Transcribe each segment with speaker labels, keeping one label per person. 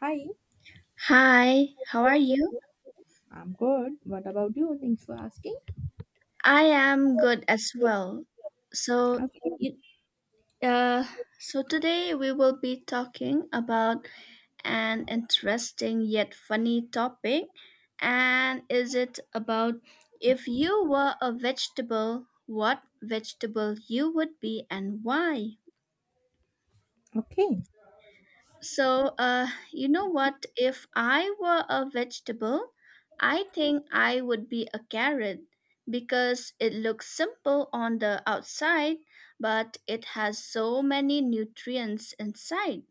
Speaker 1: Hi,
Speaker 2: Hi, how are you?
Speaker 1: I'm good. What about you? Thanks for asking.
Speaker 2: I am good as well. So,
Speaker 1: Okay,
Speaker 2: you, uh, so today we will be talking about an interesting yet funny topic, and is it about if you were a vegetable, what vegetable you would be and why?
Speaker 1: okay.
Speaker 2: You know what? If I were a vegetable, I think I would be a carrot because it looks simple on the outside, but it has so many nutrients inside.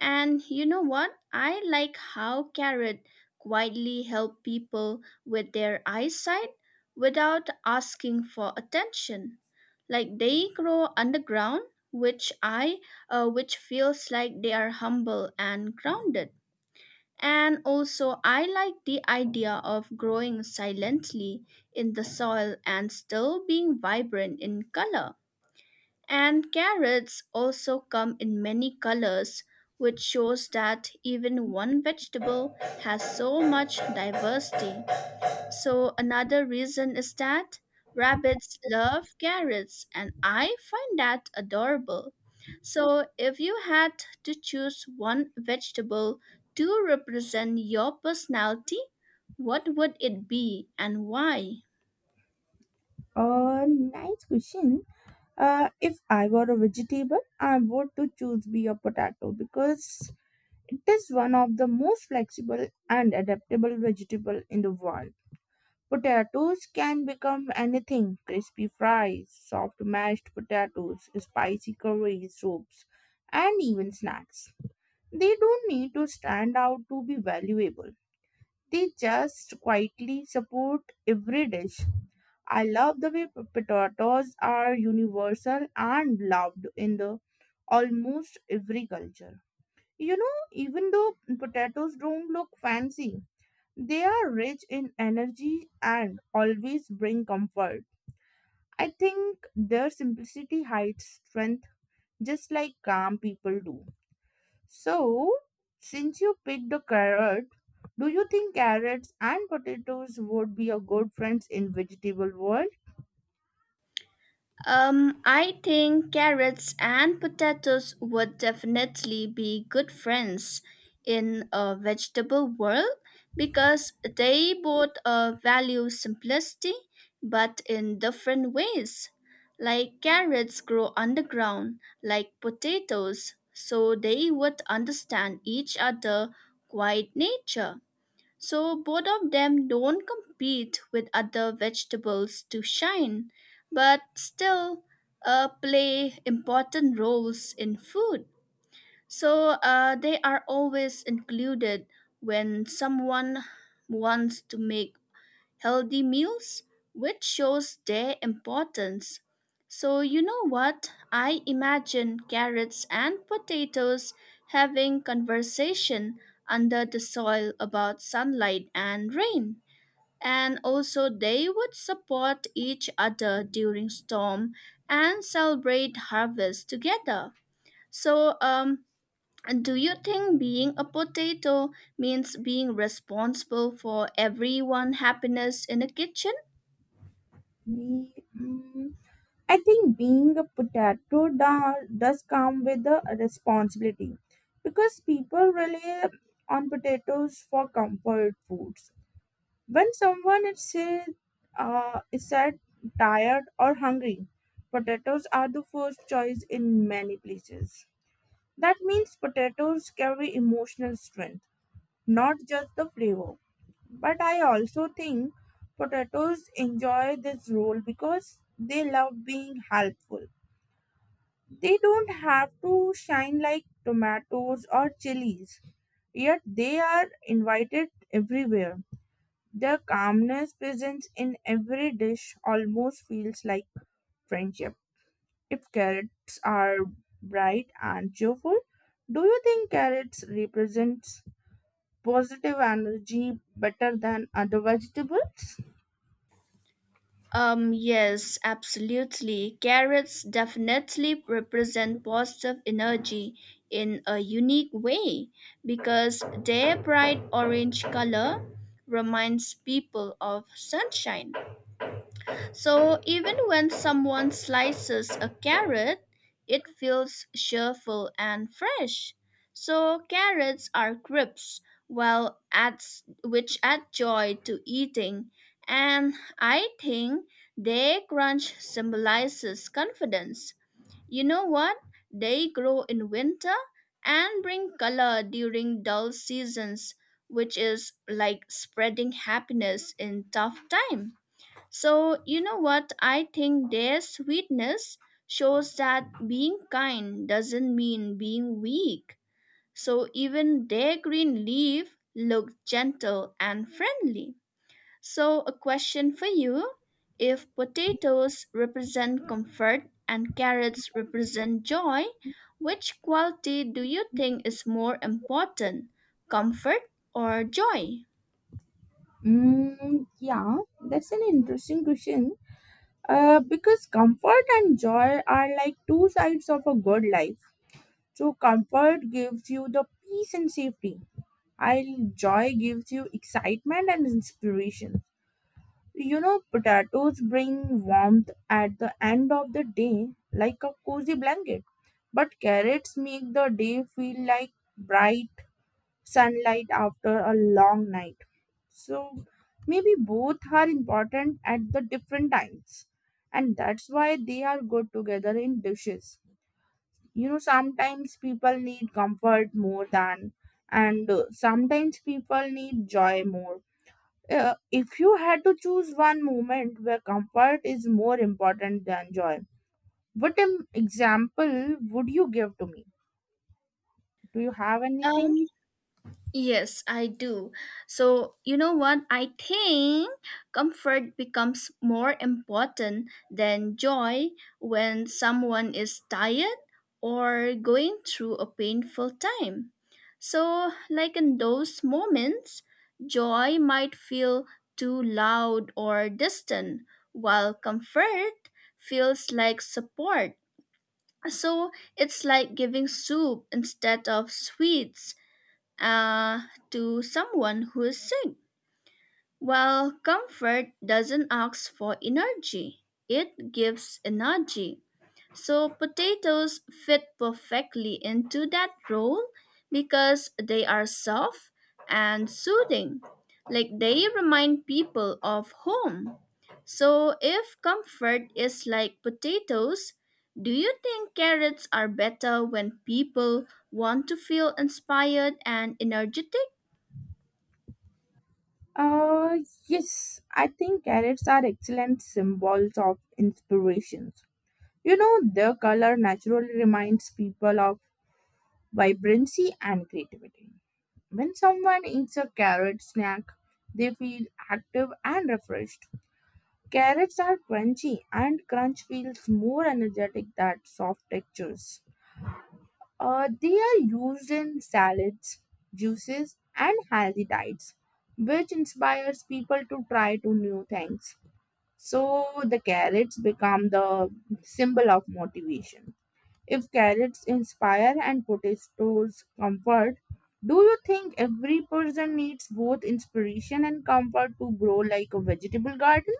Speaker 2: And you know what? I like how carrot quietly help people with their eyesight without asking for attention. Like they grow underground, which I which feels like they are humble and grounded. And also I like the idea of growing silently in the soil and still being vibrant in color, and carrots also come in many colors, which shows that even one vegetable has so much diversity. So, another reason is that rabbits love carrots, and I find that adorable. So, if you had to choose one vegetable to represent your personality, what would it be and why?
Speaker 1: Nice question. If I were a vegetable, I would to choose be a potato because it is one of the most flexible and adaptable vegetable in the world. Potatoes can become anything: crispy fries, soft mashed potatoes, spicy curry soups, and even snacks. They don't need to stand out to be valuable. They just quietly support every dish. I love the way potatoes are universal and loved in the almost every culture. You know, even though potatoes don't look fancy, they are rich in energy and always bring comfort. I think their simplicity hides strength just like calm people do. So, since you picked the carrot, do you think carrots and potatoes would be a good friends in vegetable world?
Speaker 2: I think carrots and potatoes would definitely be good friends in a vegetable world because they both value simplicity but in different ways. Like carrots grow underground, like potatoes, so they would understand each other quite nature. So both of them don't compete with other vegetables to shine, but still play important roles in food. So, they are always included when someone wants to make healthy meals, which shows their importance. So, you know what? I imagine carrots and potatoes having conversation under the soil about sunlight and rain. And also, they would support each other during storm and celebrate harvest together. So, do you think being a potato means being responsible for everyone' happiness in the kitchen?
Speaker 1: Mm, I think being a potato does come with a responsibility because people rely on potatoes for comfort foods. When someone is sick, is sad, tired, or hungry, potatoes are the first choice in many places. That means potatoes carry emotional strength. Not just the flavor. But I also think potatoes enjoy this role because they love being helpful. They don't have to shine like tomatoes or chilies, yet they are invited everywhere. Their calmness presence in every dish almost feels like friendship. If carrots are bright and cheerful, do you think carrots represent positive energy better than other vegetables?
Speaker 2: Yes, absolutely. Carrots definitely represent positive energy in a unique way because their bright orange color reminds people of sunshine, so even when someone slices a carrot, it feels cheerful and fresh. So carrots are crisps, well adds which add joy to eating, and I think their crunch symbolizes confidence. You know what? They grow in winter and bring color during dull seasons, which is like spreading happiness in tough times. So, you know what? I think their sweetness shows that being kind doesn't mean being weak. So, even their green leaf looked gentle and friendly. So, a question for you: if potatoes represent comfort and carrots represent joy, which quality do you think is more important, comfort or joy?
Speaker 1: Mm, yeah, that's an interesting question. Because comfort and joy are like two sides of a good life. So, comfort gives you the peace and safety, while joy gives you excitement and inspiration. You know, potatoes bring warmth at the end of the day, like a cozy blanket, but carrots make the day feel like bright sunlight after a long night. So maybe both are important at the different times, and that's why they are good together in dishes. You know, sometimes people need comfort more than, and sometimes people need joy more. If you had to choose one moment where comfort is more important than joy, what example would you give to me? Do you have anything?
Speaker 2: Um, Yes, I do. So, you know what? I think comfort becomes more important than joy when someone is tired or going through a painful time. So, like in those moments, joy might feel too loud or distant, while comfort feels like support. So, it's like giving soup instead of sweets uh, to someone who is sick. While comfort doesn't ask for energy, it gives energy. So potatoes fit perfectly into that role because they are soft and soothing, like they remind people of home. So if comfort is like potatoes, do you think carrots are better when people want to feel inspired and energetic?
Speaker 1: Uh, yes, I think carrots are excellent symbols of inspirations. You know, their color naturally reminds people of vibrancy and creativity. When someone eats a carrot snack, they feel active and refreshed. Carrots are crunchy, and crunch feels more energetic than soft textures. They are used in salads, juices, and healthy diets, which inspires people to try to new things. So the carrots become the symbol of motivation. If carrots inspire and potatoes comfort, do you think every person needs both inspiration and comfort to grow like a vegetable garden?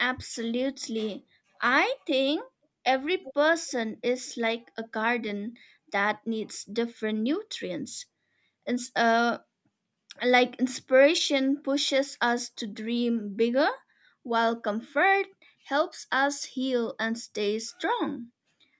Speaker 2: Absolutely. I think every person is like a garden that needs different nutrients. It's like inspiration pushes us to dream bigger, while comfort helps us heal and stay strong.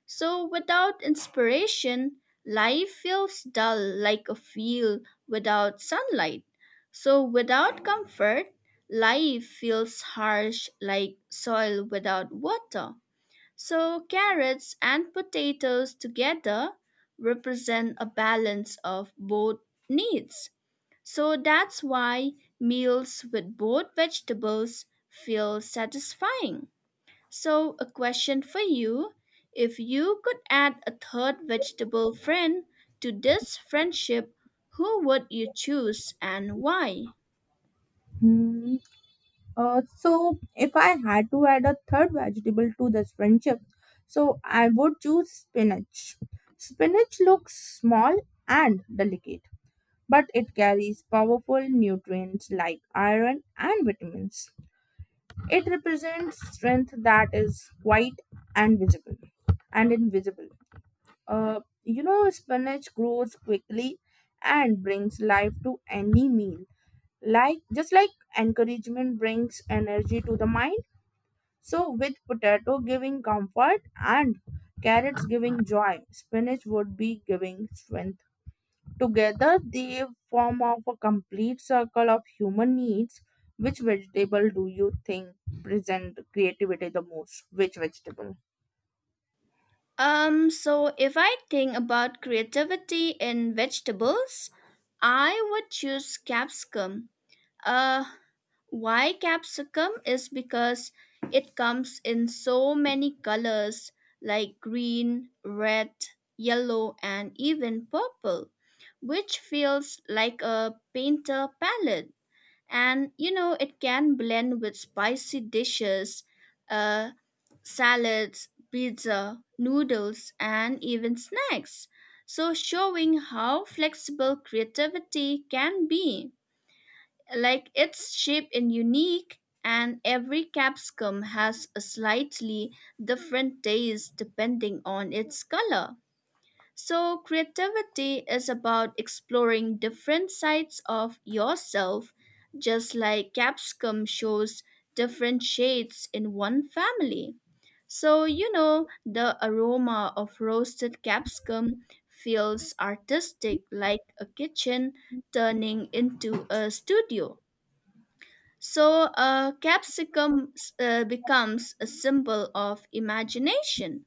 Speaker 2: So without inspiration, life feels dull like a field without sunlight. So without comfort, life feels harsh like soil without water. So carrots and potatoes together represent a balance of both needs. So that's why meals with both vegetables feel satisfying. So, a question for you. If you could add a third vegetable friend to this friendship, who would you choose and why?
Speaker 1: Hmm. So, if I had to add a third vegetable to this friendship, so I would choose spinach. Spinach looks small and delicate, but it carries powerful nutrients like iron and vitamins. It represents strength that is quite and visible and invisible. You know, spinach grows quickly and brings life to any meal. Like just like encouragement brings energy to the mind. So with potato giving comfort and carrots giving joy, spinach would be giving strength. Together, they form of a complete circle of human needs. Which vegetable do you think present creativity the most? Which vegetable?
Speaker 2: So if I think about creativity in vegetables, I would choose capsicum. Uh, Why capsicum is because it comes in so many colors like green, red, yellow, and even purple, which feels like a painter palette. And you know, it can blend with spicy dishes, uh, salads, pizza, noodles, and even snacks. So, showing how flexible creativity can be, like its shape is unique and every capsicum has a slightly different taste depending on its color. So creativity is about exploring different sides of yourself, just like capsicum shows different shades in one family. So you know the aroma of roasted capsicum feels artistic, like a kitchen turning into a studio. So a capsicum becomes a symbol of imagination.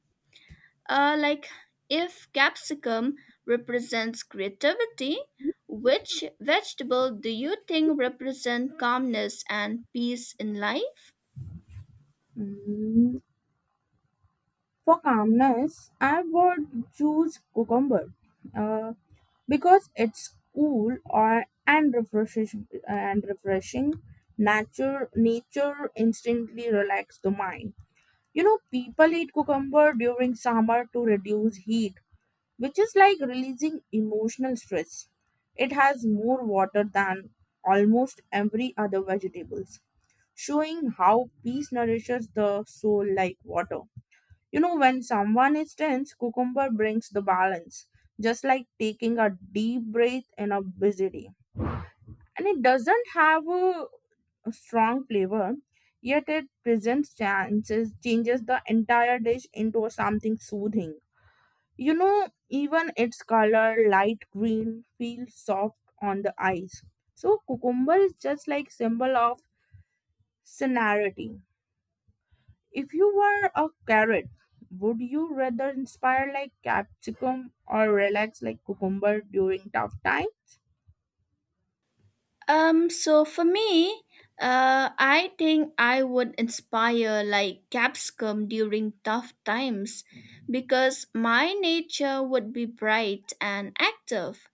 Speaker 2: Like if capsicum represents creativity, which vegetable do you think represent calmness and peace in life?
Speaker 1: Mm, for calmness, I would choose cucumber. Uh, because it's cool or and refreshing nature instantly relax the mind. You know, people eat cucumber during summer to reduce heat, which is like releasing emotional stress. It has more water than almost every other vegetables, showing how peace nourishes the soul like water. You know, when someone is tense, cucumber brings the balance, just like taking a deep breath in a busy day. And it doesn't have a strong flavor, yet it presents chances, changes the entire dish into something soothing. You know, even its color, light green, feels soft on the eyes. So cucumber is just like symbol of sincerity. If you were a carrot, would you rather inspire like capsicum or relax like cucumber during tough time?
Speaker 2: For me, I think I would inspire like capsicum during tough times because my nature would be bright and active.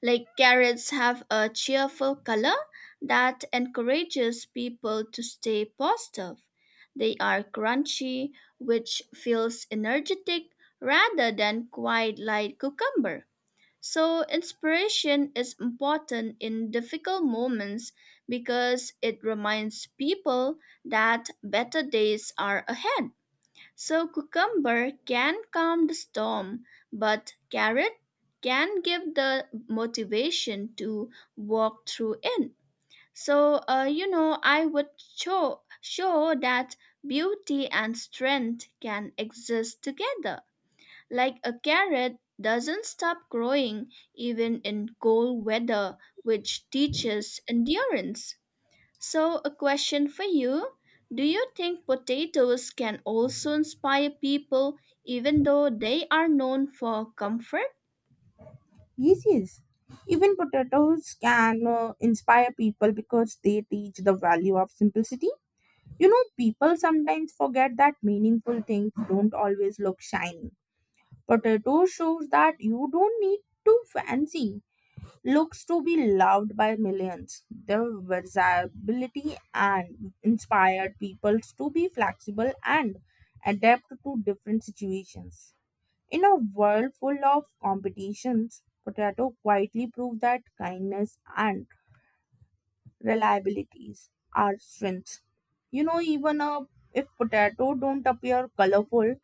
Speaker 2: Like carrots have a cheerful color that encourages people to stay positive. They are crunchy, which feels energetic rather than quite like cucumber. So, inspiration is important in difficult moments because it reminds people that better days are ahead. So cucumber can calm the storm, but carrot can give the motivation to walk through it. So, you know, I would show that beauty and strength can exist together. Like a carrot doesn't stop growing even in cold weather, which teaches endurance. So, a question for you. Do you think potatoes can also inspire people even though they are known for comfort?
Speaker 1: Yes, yes. Even potatoes can inspire people because they teach the value of simplicity. You know, people sometimes forget that meaningful things don't always look shiny. Potato shows that you don't need to fancy looks to be loved by millions. The versatility and inspired people to be flexible and adapt to different situations. In a world full of competitions, potato quietly proved that kindness and reliabilities are strengths. You know, even if potato don't appear colorful,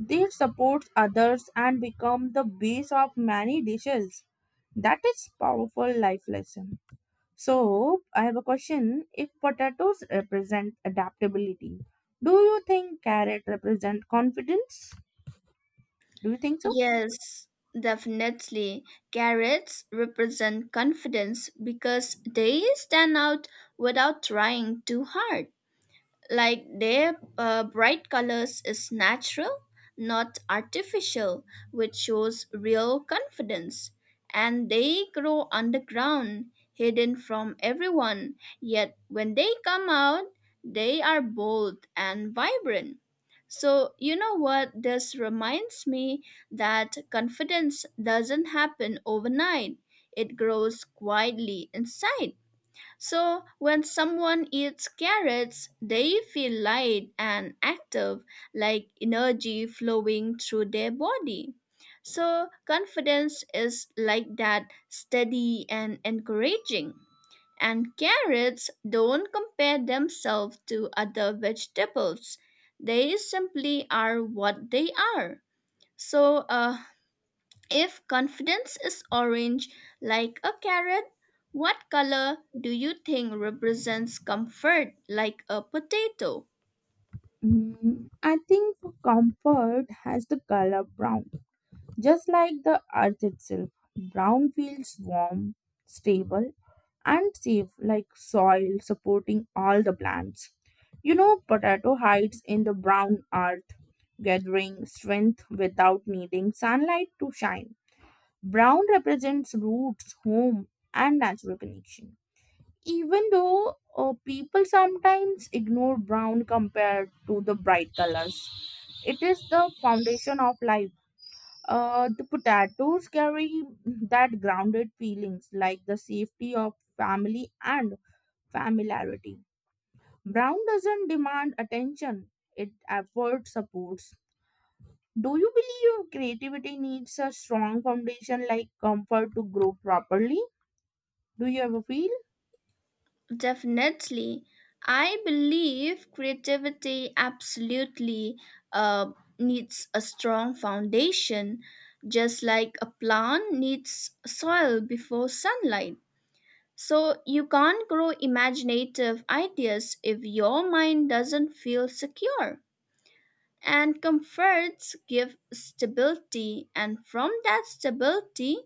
Speaker 1: they support others and become the base of many dishes. That is powerful life lesson. So I have a question. If potatoes represent adaptability, do you think carrot represent confidence? Do you think so?
Speaker 2: Yes, definitely. Carrots represent confidence because they stand out without trying too hard. Like their bright colors is natural, not artificial, which shows real confidence. And they grow underground, hidden from everyone, yet when they come out they are bold and vibrant. So you know what, this reminds me that confidence doesn't happen overnight, it grows quietly inside. So, when someone eats carrots, they feel light and active, like energy flowing through their body. So, confidence is like that, steady and encouraging. And carrots don't compare themselves to other vegetables, they simply are what they are. So, if confidence is orange like a carrot, what color do you think represents comfort like a potato?
Speaker 1: Mm, I think comfort has the color brown. Just like the earth itself, brown feels warm, stable, and safe, like soil supporting all the plants. You know, potato hides in the brown earth, gathering strength without needing sunlight to shine. Brown represents roots, home, and natural connection. Even though people sometimes ignore brown compared to the bright colors, it is the foundation of life. The potatoes carry that grounded feelings like the safety of family and familiarity. Brown doesn't demand attention, it effort supports. Do you believe creativity needs a strong foundation like comfort to grow properly? Do you ever feel?
Speaker 2: Definitely. I believe creativity absolutely uh, needs a strong foundation, just like a plant needs soil before sunlight. So, you can't grow imaginative ideas if your mind doesn't feel secure. And comforts give stability, and from that stability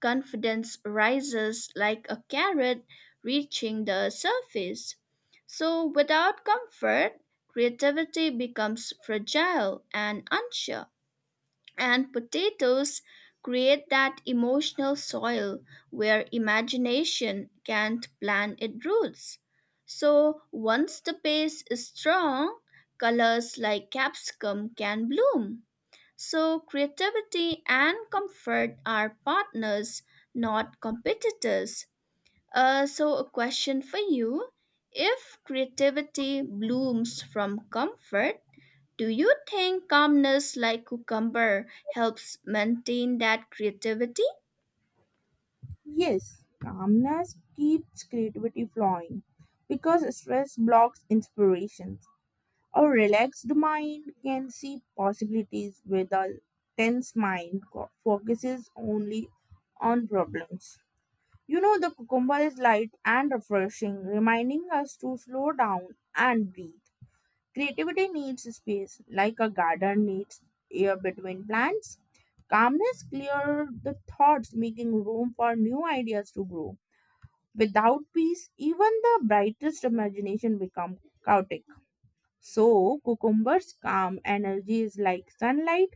Speaker 2: confidence rises like a carrot reaching the surface. So without comfort, creativity becomes fragile and unsure, and potatoes create that emotional soil where imagination can't plant its roots. So once the base is strong, colors like capsicum can bloom. So creativity and comfort are partners, not competitors. So a question for you. If creativity blooms from comfort, do you think calmness like cucumber helps maintain that creativity?
Speaker 1: Yes, calmness keeps creativity flowing because stress blocks inspiration. A relaxed mind can see possibilities with a tense mind focuses only on problems. You know, the cucumber is light and refreshing, reminding us to slow down and breathe. Creativity needs space, like a garden needs air between plants. Calmness clears the thoughts, making room for new ideas to grow. Without peace, even the brightest imagination becomes chaotic. So, cucumber's calm energy is like sunlight,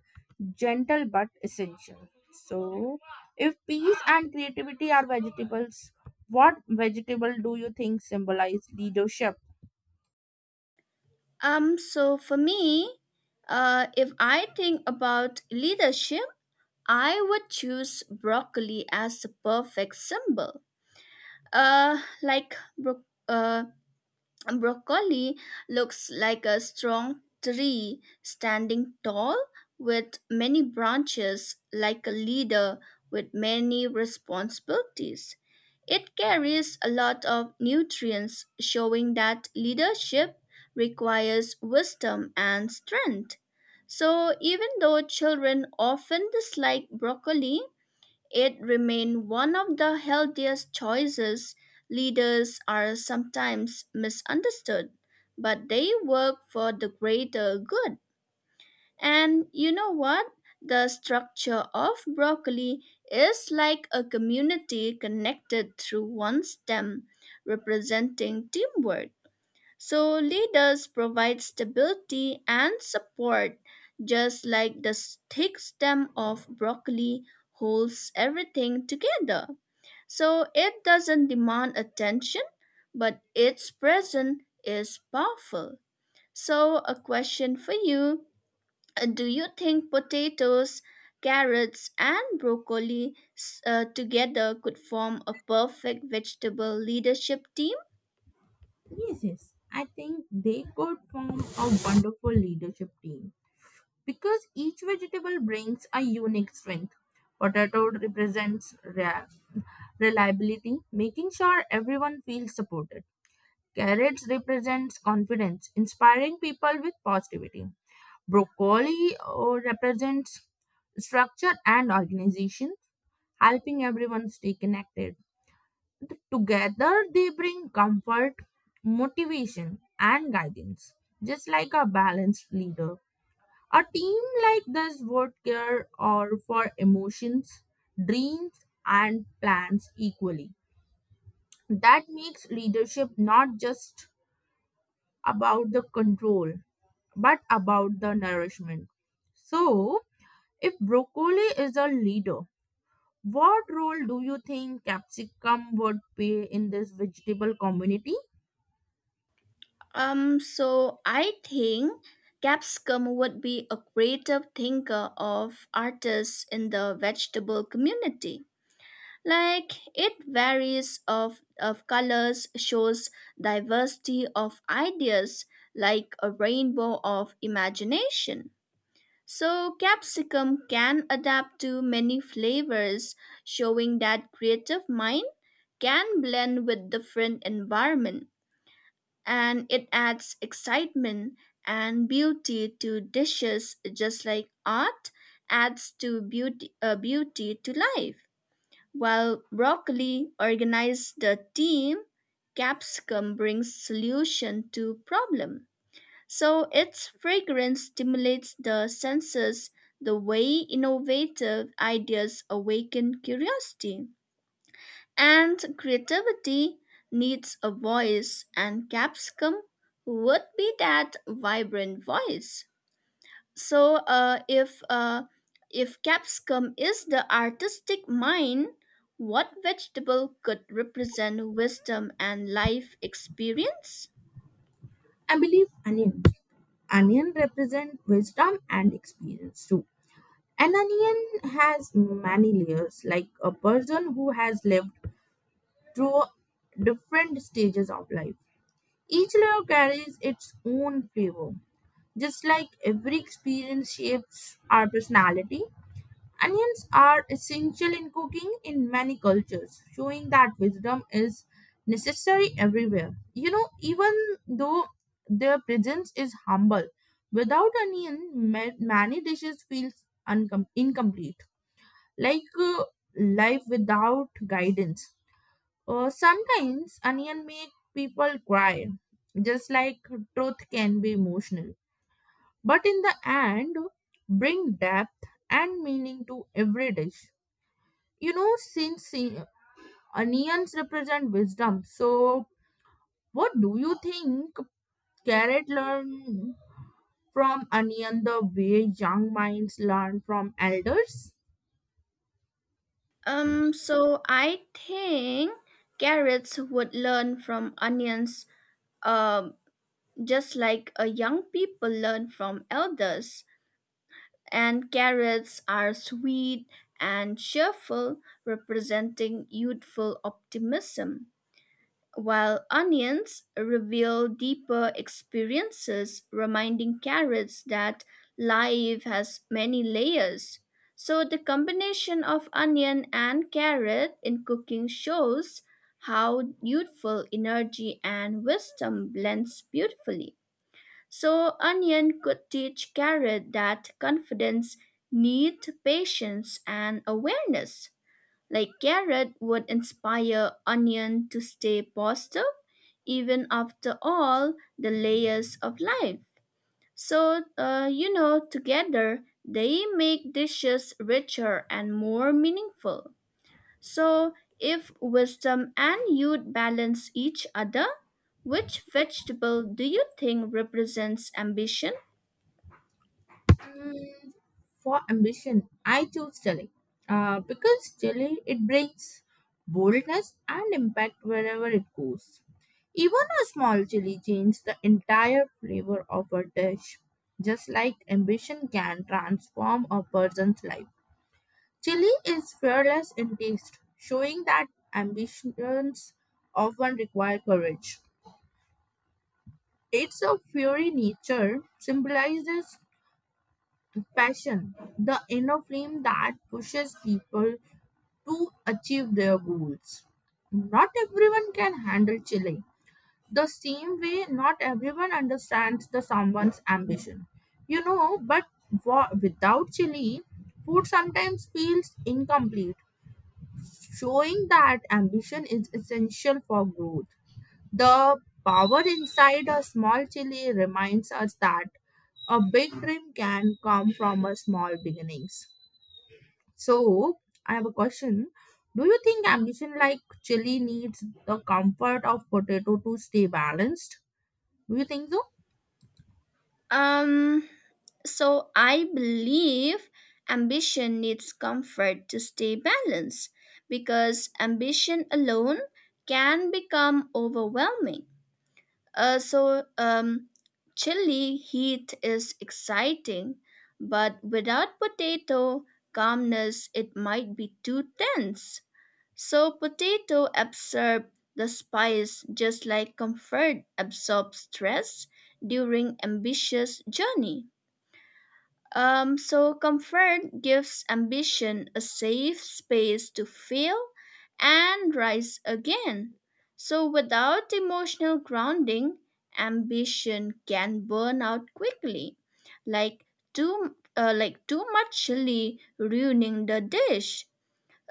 Speaker 1: gentle but essential. So, if peace and creativity are vegetables, what vegetable do you think symbolize leadership?
Speaker 2: For me, if I think about leadership, I would choose broccoli as the perfect symbol. Uh, like bro- uh, Broccoli looks like a strong tree standing tall with many branches, like a leader with many responsibilities. It carries a lot of nutrients, showing that leadership requires wisdom and strength. So, even though children often dislike broccoli, it remains one of the healthiest choices. Leaders are sometimes misunderstood, but they work for the greater good. And you know what? The structure of broccoli is like a community connected through one stem, representing teamwork. So leaders provide stability and support, just like the thick stem of broccoli holds everything together. So it doesn't demand attention, but its presence is powerful. So a question for you, do you think potatoes, carrots and broccoli together could form a perfect vegetable leadership team?
Speaker 1: Yes, yes. I think they could form a wonderful leadership team because each vegetable brings a unique strength. Potato represents reliability, making sure everyone feels supported. Carrots represents confidence, inspiring people with positivity. Broccoli represents structure and organization, helping everyone stay connected. Together, they bring comfort, motivation, and guidance, just like a balanced leader. A team like this would care or for emotions, dreams, and plans equally. That makes leadership not just about the control but about the nourishment. So, if broccoli is a leader, what role do you think capsicum would play in this vegetable community?
Speaker 2: So I think Capscom would be a creative thinker of artists in the vegetable community. Like it varies of colors, shows diversity of ideas, like a rainbow of imagination. So capsicum can adapt to many flavors, showing that creative mind can blend with different environment. And it adds excitement and beauty to dishes, just like art adds to beauty beauty to life. While broccoli organizes the team, capsicum brings solution to problem. So its fragrance stimulates the senses the way innovative ideas awaken curiosity, and creativity needs a voice, and capsicum would be that vibrant voice. So if capsicum is the artistic mind, what vegetable could represent wisdom and life experience?
Speaker 1: I believe onion. Onion represent wisdom and experience too. An onion has many layers, like a person who has lived through different stages of life. Each layer carries its own flavor, just like every experience shapes our personality. Onions are essential in cooking in many cultures, showing that wisdom is necessary everywhere. You know, even though their presence is humble, without onion, many dishes feel incomplete, like life without guidance. Sometimes onion make people cry, just like truth can be emotional. But in the end, bring depth and meaning to every dish. You know, since onions represent wisdom, so what do you think carrot learn from onion the way young minds learn from elders?
Speaker 2: So I think carrots would learn from onions, um, just like a young people learn from elders. And carrots are sweet and cheerful, representing youthful optimism, while onions reveal deeper experiences, reminding carrots that life has many layers. So, the combination of onion and carrot in cooking shows how youthful energy and wisdom blends beautifully. So Onion could teach Carrot that confidence needs patience and awareness. Like Carrot would inspire Onion to stay positive even after all the layers of life. So, you know, together they make dishes richer and more meaningful. So, if wisdom and youth balance each other, which vegetable do you think represents ambition?
Speaker 1: Mm, for ambition, I choose chili because chili it brings boldness and impact wherever it goes. Even a small chili changes the entire flavor of a dish, just like ambition can transform a person's life. Chile is fearless in taste, showing that ambitions often require courage. Its a fiery nature symbolizes passion, the inner flame that pushes people to achieve their goals. Not everyone can handle Chile. The same way, not everyone understands the someone's ambition. You know, but without Chile, food sometimes feels incomplete, showing that ambition is essential for growth. The power inside a small chili reminds us that a big dream can come from a small beginnings. So, I have a question. Do you think ambition like chili needs the comfort of potato to stay balanced? Do you think so?
Speaker 2: Um, so I believe ambition needs comfort to stay balanced because ambition alone can become overwhelming. Uh, so um, Chili heat is exciting, but without potato calmness, it might be too tense. So potato absorb the spice, just like comfort absorbs stress during ambitious journey. So comfort gives ambition a safe space to fail and rise again. So without emotional grounding, ambition can burn out quickly, like too much chili ruining the dish.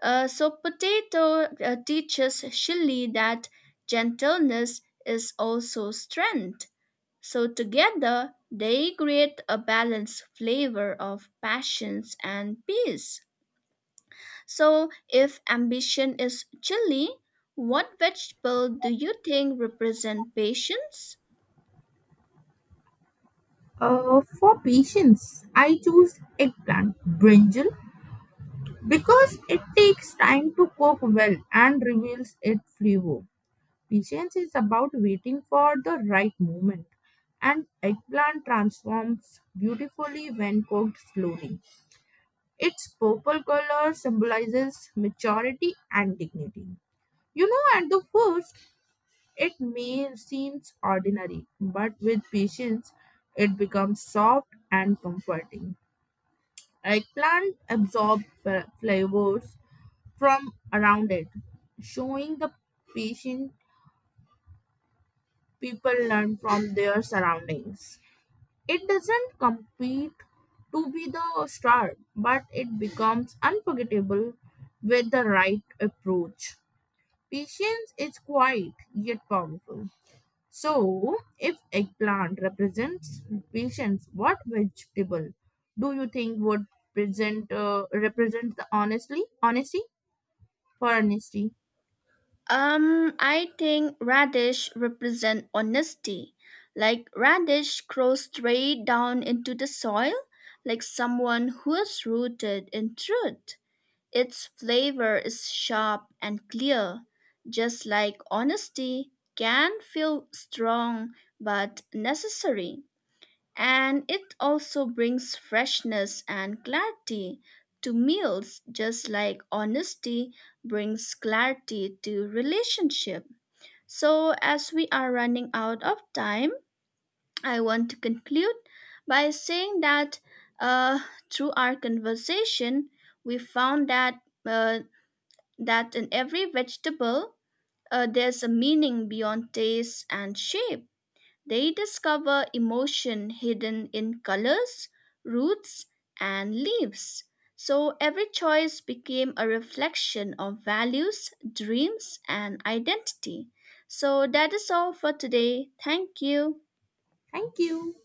Speaker 2: So potato teaches chili that gentleness is also strength. So together, they create a balanced flavor of passions and peace. So if ambition is chili, what vegetable do you think represent patience?
Speaker 1: For patience, I choose eggplant brinjal because it takes time to cook well and reveals its flavor. Patience is about waiting for the right moment, and eggplant transforms beautifully when cooked slowly. Its purple color symbolizes maturity and dignity. You know, at the first, it may seem ordinary, but with patience, it becomes soft and comforting. Eggplant absorbs flavors from around it, showing the patient people learn from their surroundings. It doesn't compete to be the star, but it becomes unforgettable with the right approach. Patience is quiet yet powerful. So, if eggplant represents patience, what vegetable do you think would present represent the honestly honesty for honesty?
Speaker 2: I think radish represent honesty. Like radish grows straight down into the soil, like someone who is rooted in truth. Its flavor is sharp and clear, just like honesty can feel strong but necessary. And it also brings freshness and clarity to meals, just like honesty brings clarity to relationship. So, as we are running out of time, I want to conclude by saying that uh, through our conversation, we found that uh, in every vegetable there's a meaning beyond taste and shape. They discover emotion hidden in colors, roots, and leaves. So every choice became a reflection of values, dreams, and identity. So that is all for today. Thank you.
Speaker 1: Thank you.